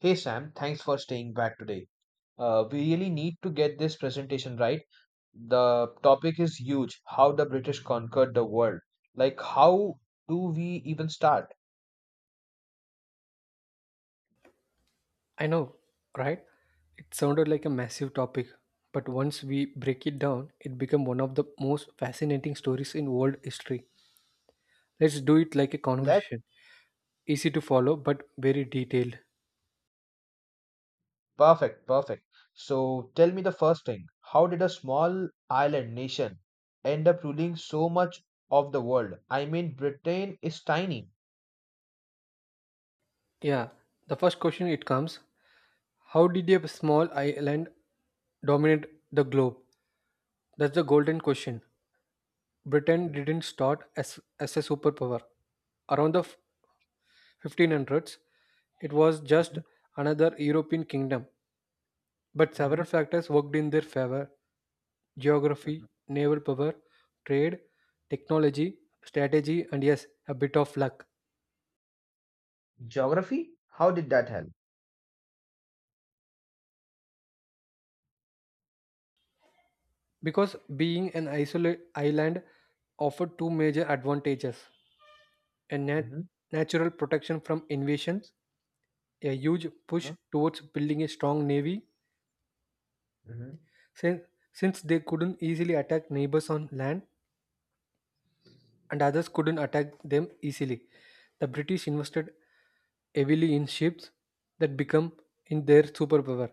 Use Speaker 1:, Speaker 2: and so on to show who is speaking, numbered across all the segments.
Speaker 1: Hey Sam, thanks for staying back today. We really need to get this presentation right. The topic is huge how the British conquered the world. Like, how do we even start?
Speaker 2: I know, right? It sounded like a massive topic, but once we break it down, it became one of the most fascinating stories in world history. Let's do it like a
Speaker 1: Let
Speaker 2: conversation. Easy to follow but very detailed.
Speaker 1: perfect, perfect. So, tell me the first thing how did a small island nation end up ruling so much of the world? I mean, Britain is tiny.
Speaker 2: Yeah, the first question it comes, how did a small island dominate the globe? That's the golden
Speaker 1: Mhm,
Speaker 2: question. Britain
Speaker 1: mhm,
Speaker 2: didn't start as a superpower. Around the 1500s, it was just another European kingdom. But
Speaker 1: mhm,
Speaker 2: several
Speaker 1: mhm,
Speaker 2: factors worked in their favor: geography,
Speaker 1: mhm.
Speaker 2: naval power, trade, technology, strategy, and yes, a bit of luck.
Speaker 1: Geography? How did that help?
Speaker 2: Because being an isolated island offered two major advantages: a natural protection from invasions, a huge push
Speaker 1: Mm-hmm.
Speaker 2: towards building a strong navy, since, since they couldn't easily attack neighbors on land and others couldn't attack them easily. The British invested heavily in ships that become in their superpower.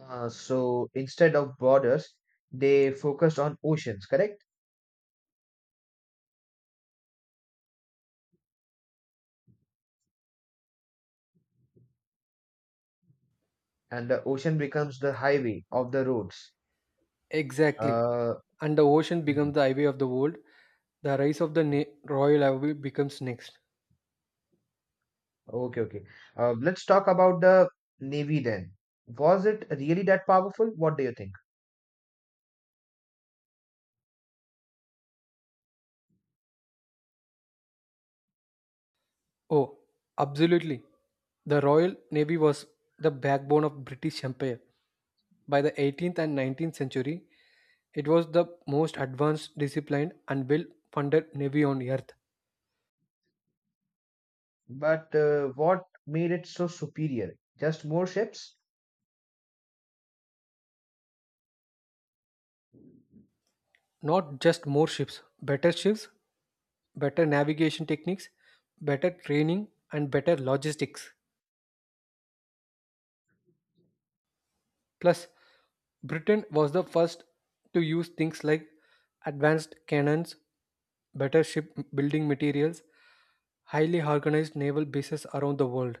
Speaker 1: So instead of borders, they focused on oceans, correct? And the ocean becomes the highway of the roads.
Speaker 2: Exactly.
Speaker 1: Uh,
Speaker 2: And the ocean
Speaker 1: Mhm.
Speaker 2: becomes the highway of the world. The rise of the Royal Navy becomes next.
Speaker 1: Okay, okay. Let's talk about the navy then. Was it really that powerful? What do you think?
Speaker 2: Oh, absolutely. The Royal Navy was the backbone of British Empire. By the 18th and 19th century, it was the most advanced, disciplined, and well funded navy on earth.
Speaker 1: But what made it so superior? Just more ships?
Speaker 2: Not just more ships, better navigation techniques, better training, and better logistics. Plus, Britain was the first to use things like advanced cannons, better ship building materials, highly organized naval bases around the world.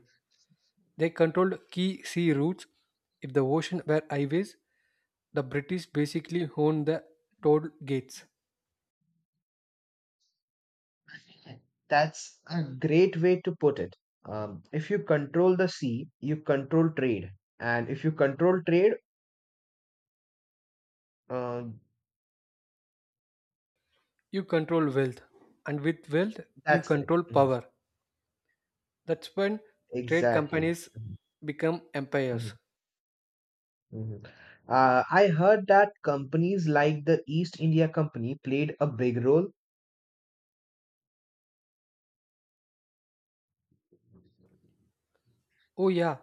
Speaker 2: They controlled key sea routes. If the ocean were highways, the British basically owned the toll gates.
Speaker 1: That's a great way to put it. If you control the sea, you control trade, and if you control trade. uh,
Speaker 2: You control wealth, and with wealth, you
Speaker 1: that's correct.
Speaker 2: control power. That's when trade
Speaker 1: Exactly.
Speaker 2: companies
Speaker 1: Mhm,
Speaker 2: become empires.
Speaker 1: mhm, mhm. I heard that companies like the East India Company played a big role.
Speaker 2: Oh, yeah,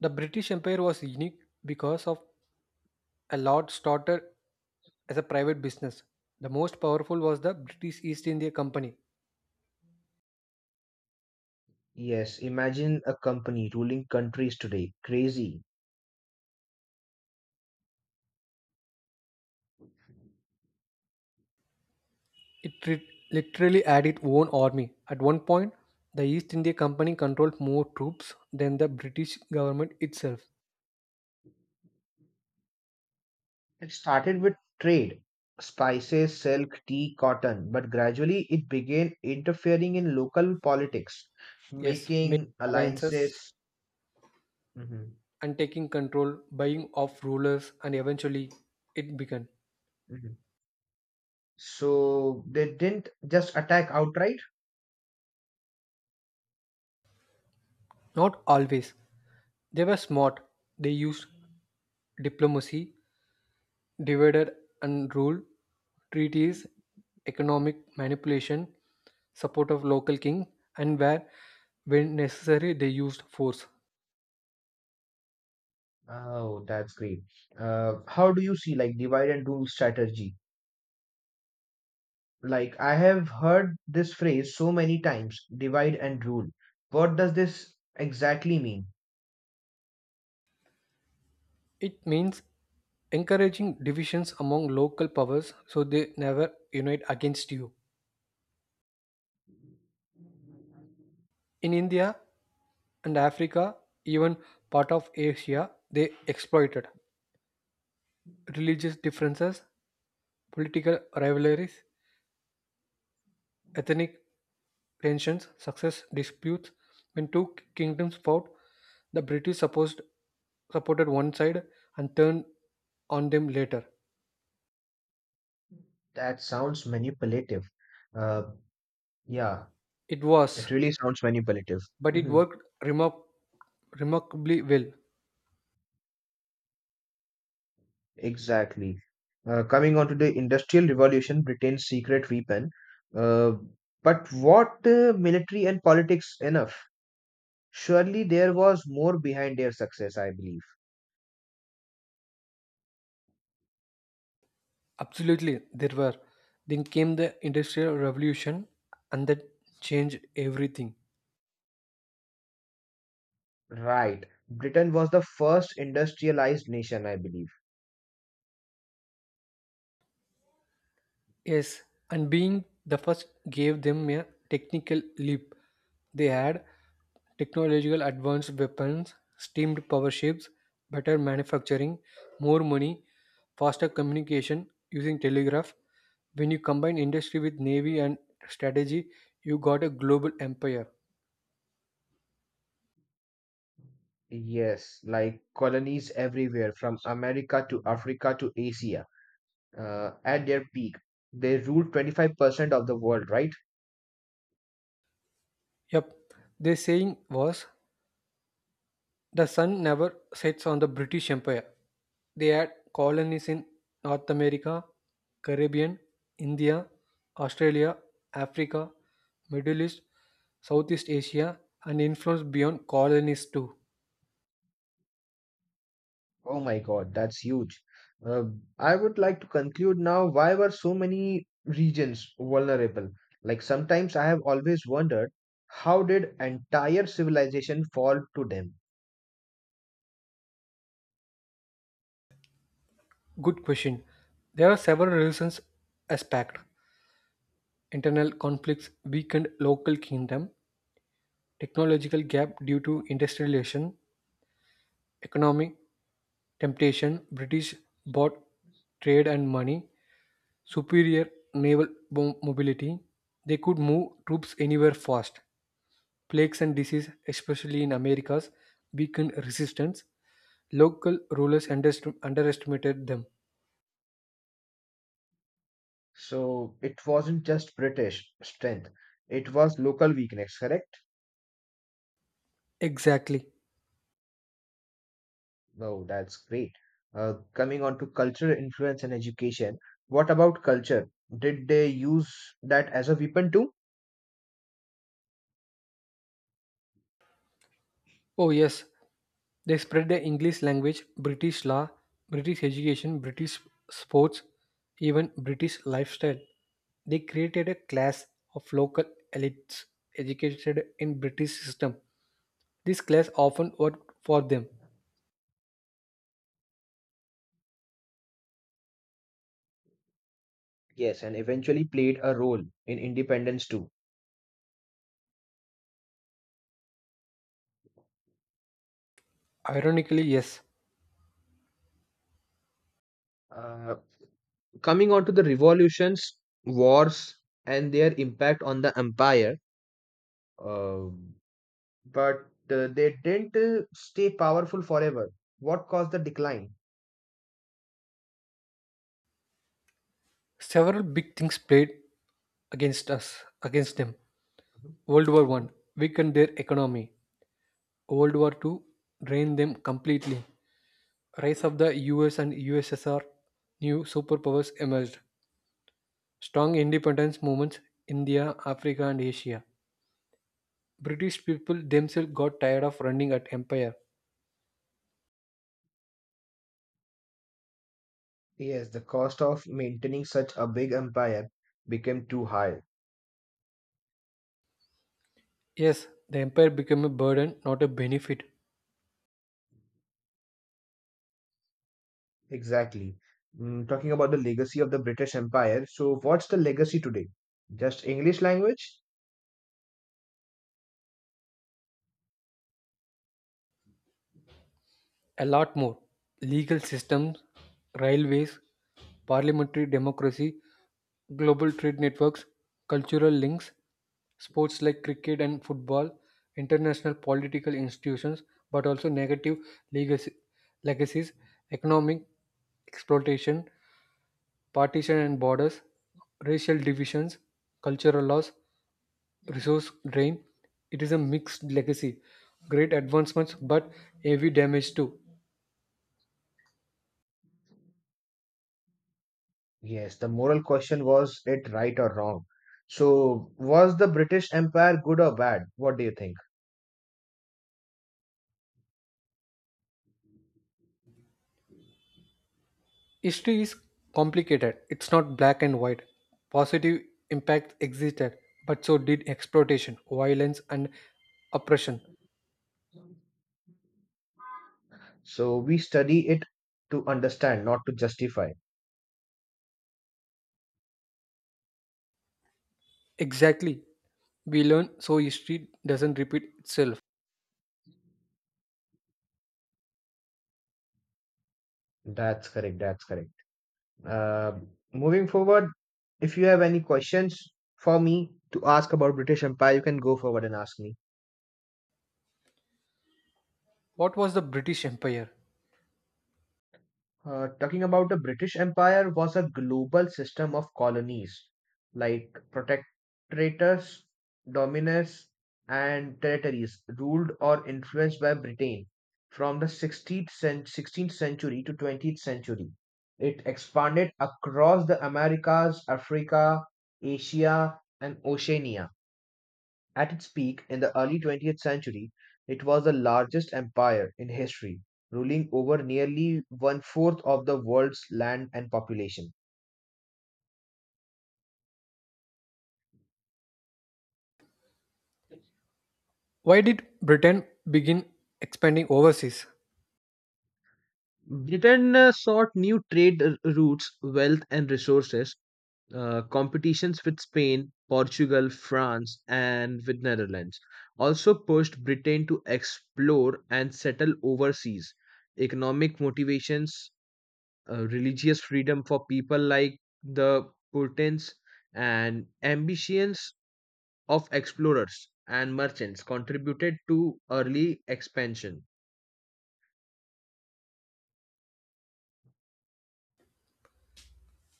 Speaker 2: the British Empire was unique because of a lord started as a private business. The most powerful was the British East India Company.
Speaker 1: Yes, imagine a company ruling countries today. Crazy.
Speaker 2: It literally had its own army. At one point, the East India Company controlled more troops than the British government itself.
Speaker 1: It started with trade, spices, silk, tea, cotton, but gradually it began interfering in local politics,
Speaker 2: Yes, making
Speaker 1: making
Speaker 2: alliances
Speaker 1: alliances. Mhm,
Speaker 2: and taking control, buying off rulers, and eventually it began.
Speaker 1: mhm. So they didn't just attack outright.
Speaker 2: Not always. They were smart. They used diplomacy, divided and rule, treaties, economic manipulation, support of local king, and where, when necessary, they used force.
Speaker 1: Oh, that's great. How do you see like divide and rule strategy? Like, I have heard this phrase so many times, divide and rule. What does this exactly mean?
Speaker 2: It means encouraging divisions among local powers so they never unite against you. In India and Africa, even part of Asia, they exploited religious differences, political rivalries, ethnic tensions, success disputes. When two kingdoms fought, the British supported one side and turned on them later.
Speaker 1: That sounds manipulative. Uh, yeah,
Speaker 2: It
Speaker 1: it
Speaker 2: was,
Speaker 1: really sounds manipulative.
Speaker 2: but it
Speaker 1: Hmm.
Speaker 2: worked remarkably well.
Speaker 1: Exactly. Coming on to the Industrial Revolution, Britain's secret weapon. Uh, but what, military and politics enough? Surely there was more behind their success, I believe.
Speaker 2: Absolutely, there were. Then came the Industrial Revolution, and that changed everything.
Speaker 1: Right. Britain was the first industrialized nation, I believe.
Speaker 2: Yes, and being the first gave them a technical leap. They had technological advanced weapons, steamed power ships, better manufacturing, more money, faster communication using telegraph. When you combine industry with navy and strategy, you got a global empire.
Speaker 1: Yes, like colonies everywhere from America to Africa to Asia. At their peak, they ruled 25% of the world, right?
Speaker 2: Yep, their saying was, the sun never sets on the British Empire. They had colonies in North America, Caribbean, India, Australia, Africa, Middle East, Southeast Asia, and influence beyond colonies too.
Speaker 1: Oh my God, that's huge. Uh, I would like to conclude now why were so many regions vulnerable? Like, sometimes I have always wondered how did entire civilization fall to them?
Speaker 2: Good question. There are several reasons aspect. Internal conflicts weakened local kingdom, technological gap due to industrialization, economic temptation, British bought trade and money, superior naval mobility, they could move troops anywhere fast. Plagues and disease, especially in Americas, weakened resistance. Local rulers underestimated them.
Speaker 1: So it wasn't just British strength, it was local weakness, correct?
Speaker 2: Exactly.
Speaker 1: Oh, that's great. Coming on to cultural influence and education, what about culture? Did they use that as a weapon too?
Speaker 2: Oh, yes. They spread the English language, British law, British education, British sports, even British lifestyle. They created a class of local elites educated in British system. This class often worked for them.
Speaker 1: Yes, and eventually played a role in independence too.
Speaker 2: Ironically, yes,
Speaker 1: Uh, Coming on to the revolutions, wars, and their impact on the empire, um, but they didn't stay powerful forever. What caused the decline?
Speaker 2: several big things played against them.
Speaker 1: Mhm,
Speaker 2: World War One
Speaker 1: mhm.
Speaker 2: weakened their economy. World War Two drained them completely. Rise of the US and USSR, new superpowers emerged. Strong independence movements, India, Africa, and Asia. British people themselves got tired of running at empire.
Speaker 1: Yes, the cost of maintaining such a big empire became too high.
Speaker 2: Yes, the empire became a burden, not a benefit.
Speaker 1: Exactly. Talking about the legacy of the British Empire, so what's the legacy today? Just English language?
Speaker 2: A lot more. Legal systems, railways, parliamentary democracy, global trade networks, cultural links, sports like cricket and football, international political institutions, but also negative legacy, legacies, economic exploitation, partition and borders, racial divisions, cultural loss, resource drain. It is a mixed legacy. Great advancements, but heavy damage too.
Speaker 1: Yes, the moral question was it right or wrong? So, was the British Empire good or bad? What do you think?
Speaker 2: History is complicated. It's not black and white. Positive impacts existed, but so did exploitation, violence, and oppression.
Speaker 1: So, we study it to understand, not to justify.
Speaker 2: Exactly. We learn so history doesn't repeat itself.
Speaker 1: That's correct, that's correct. Uh, Moving forward, if you have any questions for me to ask about British Empire, you can go forward and ask me.
Speaker 2: What was the British Empire?
Speaker 1: Talking about the British Empire was a global system of colonies like protectorates, dominions, and territories ruled or influenced by Britain from the 16th century to 20th century. It expanded across the Americas, Africa, Asia, and Oceania. At its peak in the early 20th century, it was the largest empire in history, ruling over nearly one fourth of the world's land and population.
Speaker 2: Why did Britain begin expanding overseas?
Speaker 1: Britain sought new trade routes, wealth, and resources. Competitions with Spain, Portugal, France, and with Netherlands also pushed Britain to explore and settle overseas. Economic motivations, religious freedom for people like the Puritains and ambitions of explorers and merchants contributed to early expansion.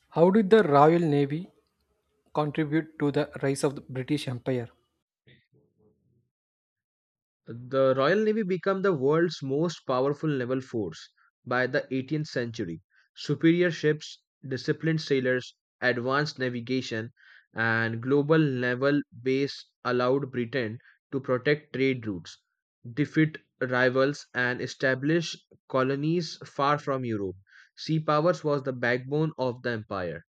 Speaker 2: How did the Royal Navy contribute to the rise of the British Empire?
Speaker 1: The Royal Navy became the world's most powerful naval force by the 18th century. Superior ships, disciplined sailors, advanced navigation, and global naval base allowed Britain to protect trade routes, defeat rivals, and establish colonies far from Europe. Sea powers was the backbone of the empire.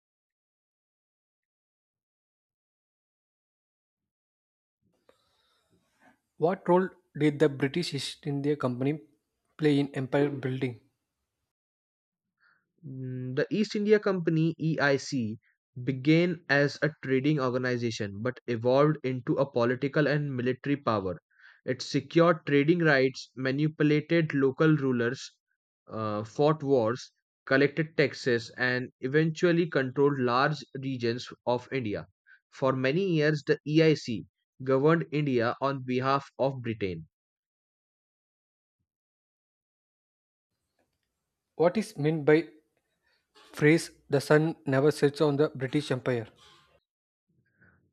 Speaker 2: What role did the British East India Company play in empire building?
Speaker 1: The East India Company EIC began as a trading organization but evolved into a political and military power. It secured trading rights, manipulated local rulers, fought wars, collected taxes, and eventually controlled large regions of India. For many years, the EIC governed India on behalf of Britain.
Speaker 2: What is meant by phrase the sun never sets on the British Empire?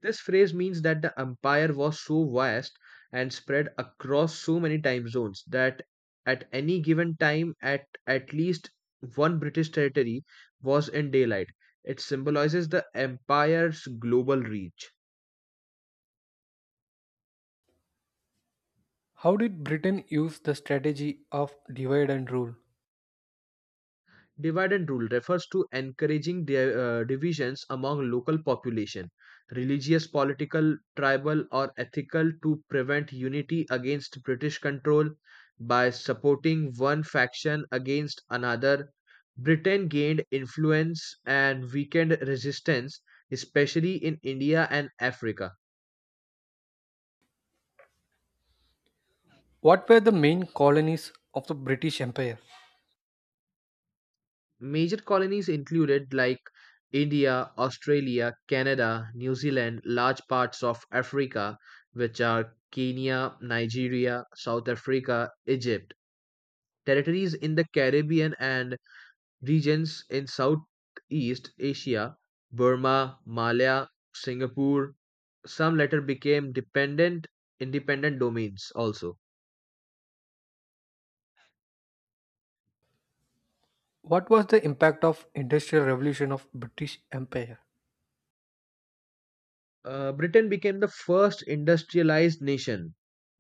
Speaker 1: This phrase means that the empire was so vast and spread across so many time zones that at any given time at least one British territory was in daylight. It symbolizes the empire's global reach.
Speaker 2: How did Britain use the strategy of divide and rule?
Speaker 1: Divide and rule refers to encouraging divisions among local population, religious, political, tribal, or ethical, to prevent unity against British control by supporting one faction against another. Britain gained influence and weakened resistance, especially in India and Africa.
Speaker 2: What were the main colonies of the British Empire?
Speaker 1: Major colonies included like India, Australia, Canada, New Zealand, large parts of Africa, which are Kenya, Nigeria, South Africa, Egypt. Territories in the Caribbean and regions in Southeast Asia, Burma, Malaya, Singapore, some later became dependent independent domains also.
Speaker 2: What was the impact of industrial revolution of British Empire?
Speaker 1: Britain became the first industrialized nation,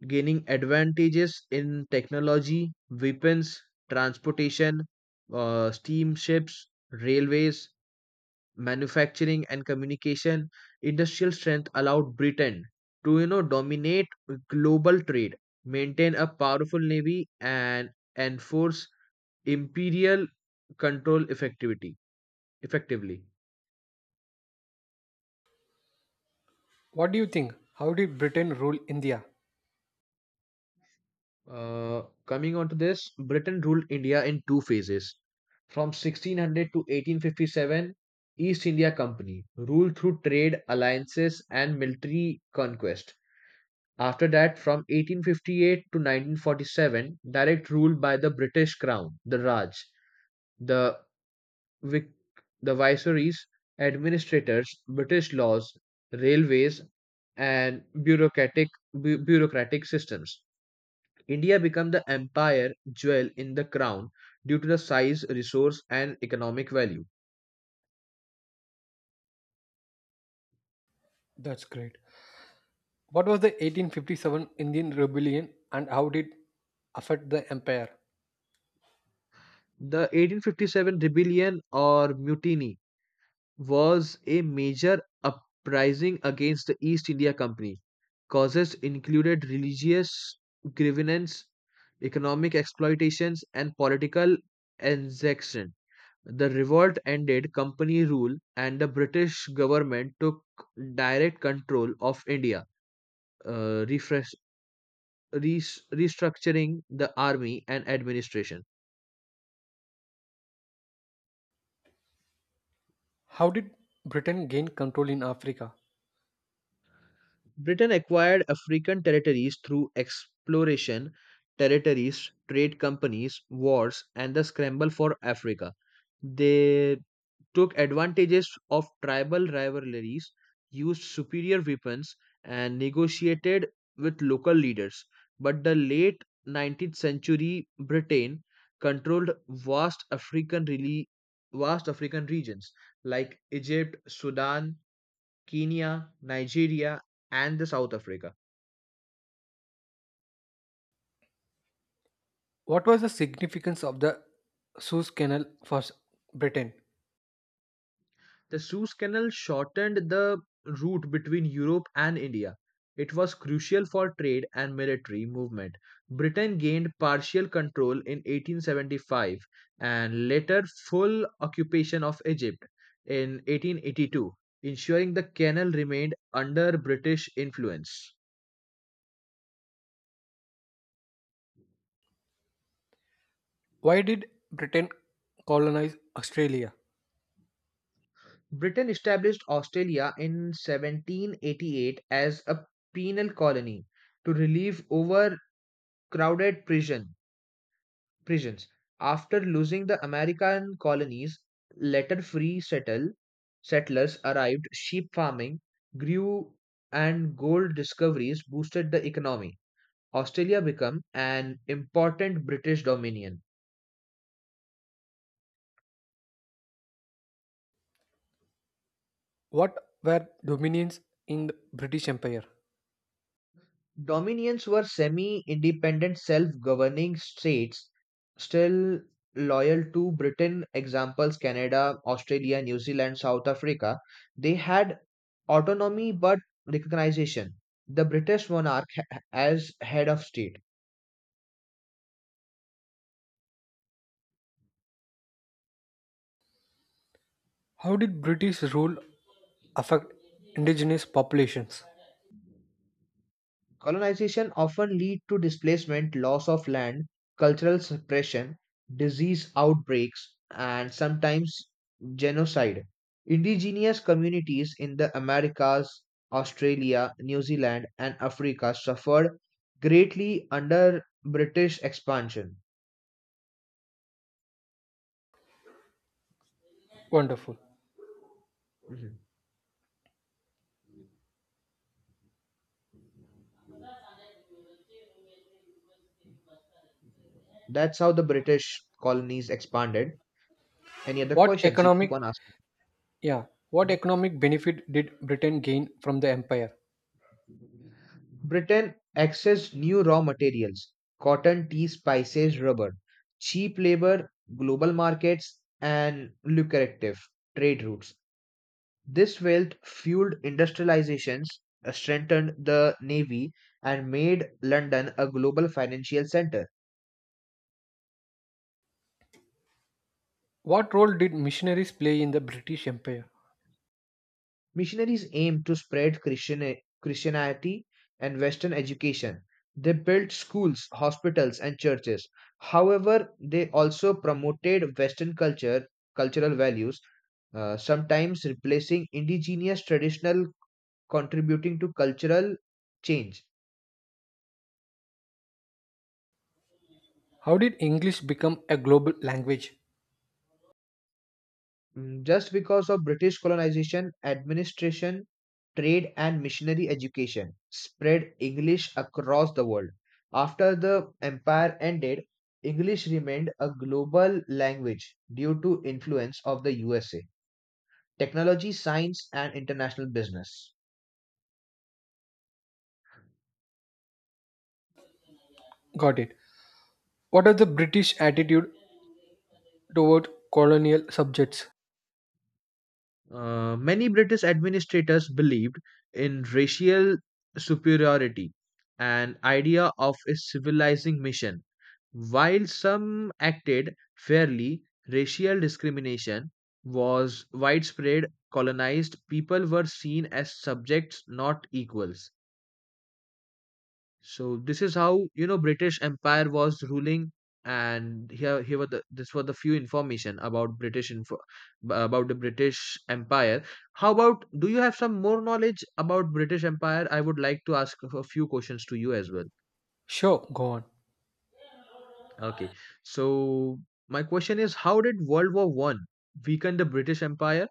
Speaker 1: gaining advantages in technology, weapons, transportation, steamships, railways, manufacturing, and communication. Industrial strength allowed Britain to dominate global trade, maintain a powerful navy, and enforce imperial control effectively.
Speaker 2: What do you think? How did Britain rule India?
Speaker 1: Coming on to this, Britain ruled India in two phases. From 1600 to 1857, East India Company ruled through trade alliances and military conquest. After that, from 1858 to 1947, direct rule by the British Crown, the Raj, the Vic- the viceroys, administrators, British laws, railways, and bureaucratic systems. India became the empire jewel in the crown due to the size, resource, and economic value.
Speaker 2: That's great. What was the 1857 Indian rebellion and how did affect the empire?
Speaker 1: The 1857 rebellion or mutiny was a major uprising against the East India Company. Causes included religious grievance, economic exploitations, and political exaction. The revolt ended company rule, and the British government took direct control of India. Uh, refresh Restructuring the army and administration.
Speaker 2: How did Britain gain control in Africa?
Speaker 1: Britain acquired African territories through exploration, territories, trade companies, wars, and the scramble for Africa. They took advantages of tribal rivalries, used superior weapons, and negotiated with local leaders. But the late 19th century Britain controlled vast African regions like Egypt, Sudan, Kenya, Nigeria, and the South Africa.
Speaker 2: What was the significance of the Suez Canal for Britain?
Speaker 1: The Suez Canal shortened the route between Europe and India. It was crucial for trade and military movement. Britain gained partial control in 1875 and later full occupation of Egypt in 1882, ensuring the canal remained under British influence.
Speaker 2: Why did Britain colonize Australia?
Speaker 1: Britain established Australia in 1788 as a penal colony to relieve overcrowded prison prisons. After losing the American colonies, later free settlers arrived, sheep farming grew, and gold discoveries boosted the economy. Australia became an important British dominion.
Speaker 2: What were dominions in the British Empire?
Speaker 1: Dominions were semi independent self governing states, still loyal to Britain, examples Canada, Australia, New Zealand, South Africa. They had autonomy but recognition. The British monarch as head of state.
Speaker 2: How did British rule affect indigenous populations?
Speaker 1: Colonization often lead to displacement, loss of land, cultural suppression, disease outbreaks, and sometimes genocide. Indigenous communities in the Americas, Australia, New Zealand, and Africa suffered greatly under British expansion.
Speaker 2: Wonderful.
Speaker 1: Mhm. That's how the British colonies expanded. Any other
Speaker 2: What
Speaker 1: questions you keep
Speaker 2: economic,
Speaker 1: on asking?
Speaker 2: yeah, what economic benefit did Britain gain from the empire?
Speaker 1: Britain accessed new raw materials cotton, tea, spices, rubber, cheap labor, global markets, and lucrative trade routes. This wealth fueled industrializations, strengthened the navy, and made London a global financial center.
Speaker 2: What role did missionaries play in the British Empire?
Speaker 1: Missionaries aimed to spread Christianity and Western education. They built schools, hospitals, and churches. However, they also promoted Western culture, cultural values, sometimes replacing indigenous traditional contributing to cultural change.
Speaker 2: How did English become a global language?
Speaker 1: Just because of British colonization, administration, trade, and missionary education spread English across the world. After the empire ended, English remained a global language due to influence of the USA, technology, science, and international business.
Speaker 2: Got it. What was the British attitude toward colonial subjects?
Speaker 1: Many British administrators believed in racial superiority, an idea of a civilizing mission. While some acted fairly, racial discrimination was widespread. Colonized people were seen as subjects, not equals. So this is how you know British Empire was ruling. And here were the few information about British info about the British Empire. How about do you have some more knowledge about British Empire? I would like to ask a few questions to you as well.
Speaker 2: Sure, go on.
Speaker 1: Okay. So my question is, how did World War I weaken the British Empire?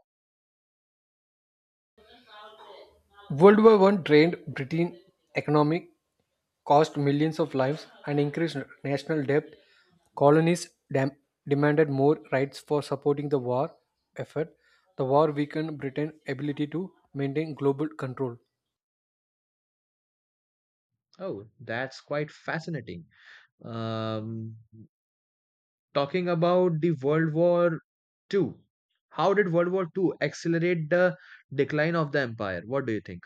Speaker 2: World War One drained Britain's economy, cost millions of lives, and increased national debt. Colonies demanded more rights for supporting the war effort. The war weakened Britain's ability to maintain global control.
Speaker 1: Oh, that's quite fascinating. Um, Talking about the World War II, how did World War II accelerate the decline of the empire? What do you think?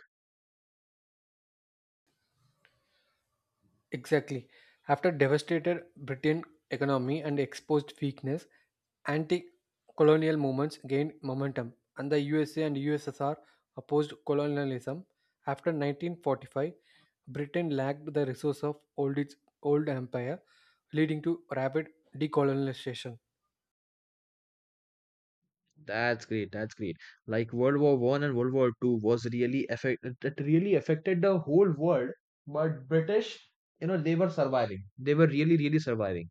Speaker 2: Exactly. After devastated British economy and exposed weakness, anti-colonial movements gained momentum, and the USA and USSR opposed colonialism. After 1945, Britain lacked the resource of old its old empire, leading to rapid decolonization.
Speaker 1: That's great. That's great. Like, World War I and World War II was really affected. It really affected the whole world, but British, they were surviving. They were really, really surviving.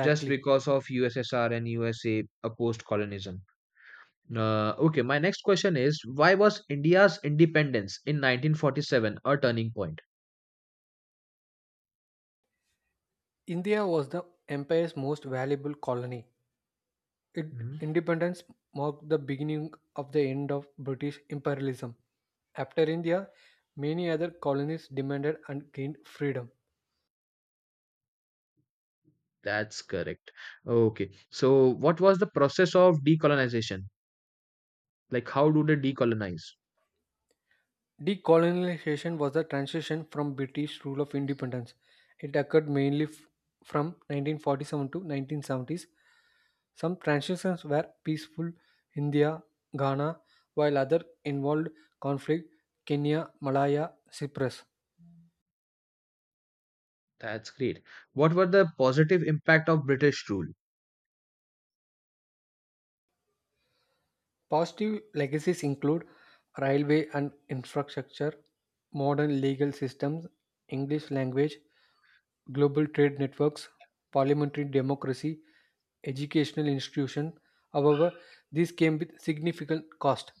Speaker 1: Just because of USSR and USA opposed colonialism. Okay, my next question is why was India's independence in 1947 a turning point?
Speaker 2: India was the empire's most valuable colony. It,
Speaker 1: Mhm.
Speaker 2: independence marked the beginning of the end of British imperialism. After India, many other colonies demanded and gained freedom.
Speaker 1: That's correct. Okay, so what was the process of decolonization? Like, how do they decolonize?
Speaker 2: Decolonization was the transition from British rule of independence. It occurred mainly from 1947 to 1970s. Some transitions were peaceful, India, Ghana, while others involved conflict, Kenya, Malaya, Cyprus.
Speaker 1: That's great. What were the positive impact of British rule?
Speaker 2: Positive legacies include railway and infrastructure, modern legal systems, English language, global trade networks, parliamentary democracy, educational institutions. However, these came with significant cost.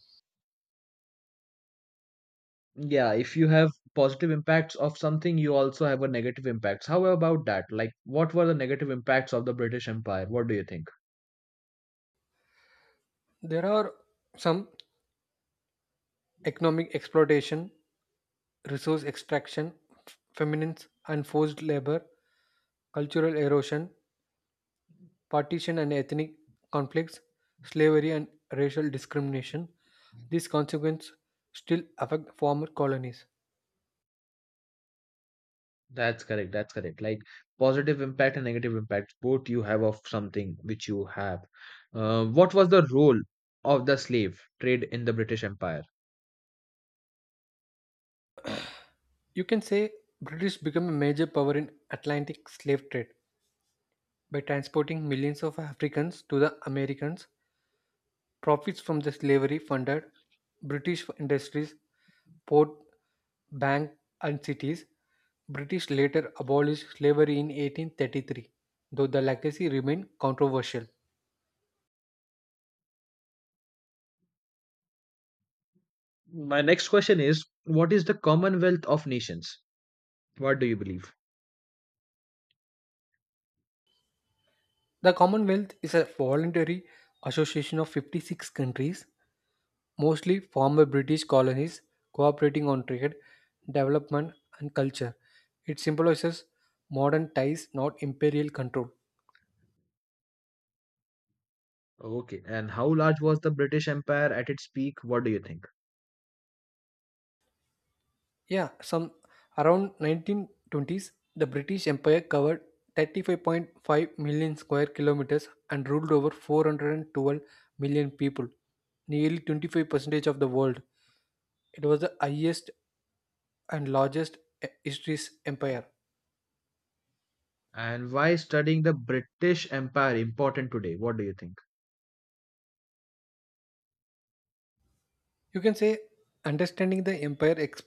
Speaker 1: Yeah, if you have positive impacts of something, you also have a negative impacts. How about that? Like, what were the negative impacts of the British Empire? What do you think?
Speaker 2: There are some economic exploitation, resource extraction, f- feminines and forced labor, cultural erosion, partition and ethnic conflicts, slavery and racial discrimination. These consequences still affect former colonies.
Speaker 1: That's correct. That's correct. Like, positive impact and negative impact, both you have of something which you have. What was the role of the slave trade in the British Empire?
Speaker 2: You can say British became a major power in Atlantic slave trade by transporting millions of Africans to the Americans. Profits from the slavery funded British industries, port, bank, and cities. British later abolished slavery in 1833, though the legacy remained controversial.
Speaker 1: My next question is, what is the Commonwealth of Nations? What do you believe?
Speaker 2: The Commonwealth is a voluntary association of 56 countries, mostly former British colonies, cooperating on trade, development, and culture. It symbolizes modern ties, not imperial control.
Speaker 1: Okay. And how large was the British Empire at its peak? What do you think?
Speaker 2: Yeah, some around 1920s, the British Empire covered 35.5 million square kilometers and ruled over 412 million people, nearly 25% of the world. It was the highest and largest e- history's empire.
Speaker 1: And why is studying the British Empire important today? What do you think?
Speaker 2: You can say understanding the empire ex-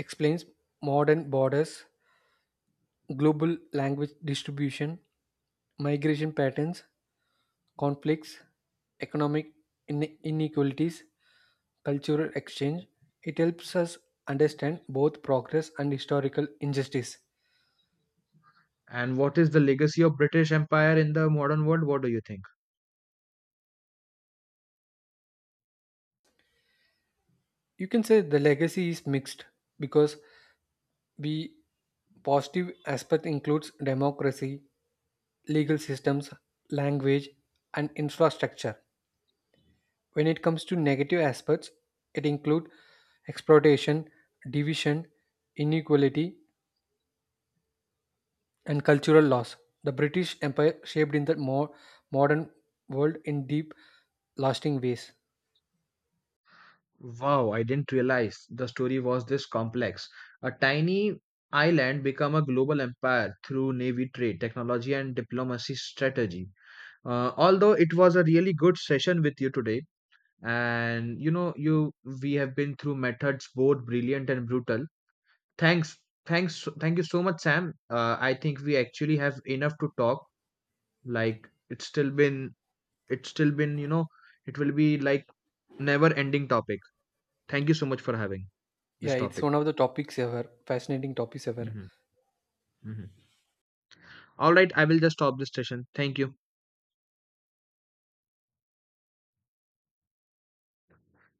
Speaker 2: explains modern borders, global language distribution, migration patterns, conflicts, economic inequalities, cultural exchange. It helps us understand both progress and historical injustice.
Speaker 1: And what is the legacy of British Empire in the modern world? What do you think?
Speaker 2: You can say the legacy is mixed because the positive aspect includes democracy, legal systems, language, and infrastructure. When it comes to negative aspects, it includes exploitation, division, inequality, and cultural loss. The British Empire shaped in the more modern world in deep, lasting ways.
Speaker 1: Wow, I didn't realize the story was this complex. A tiny island become a global empire through navy trade, technology, and diplomacy strategy. Although it was a really good session with you today, and you we have been through methods both brilliant and brutal. Thanks, thank you so much, Sam. I think we actually have enough to talk. Like, it's still been, it will be like never ending topic. Thank you so much for having this
Speaker 2: Yeah, it's
Speaker 1: topic.
Speaker 2: one of the topics ever, fascinating topics ever.
Speaker 1: Mhm, mhm. All right, I will just stop this session. Thank you.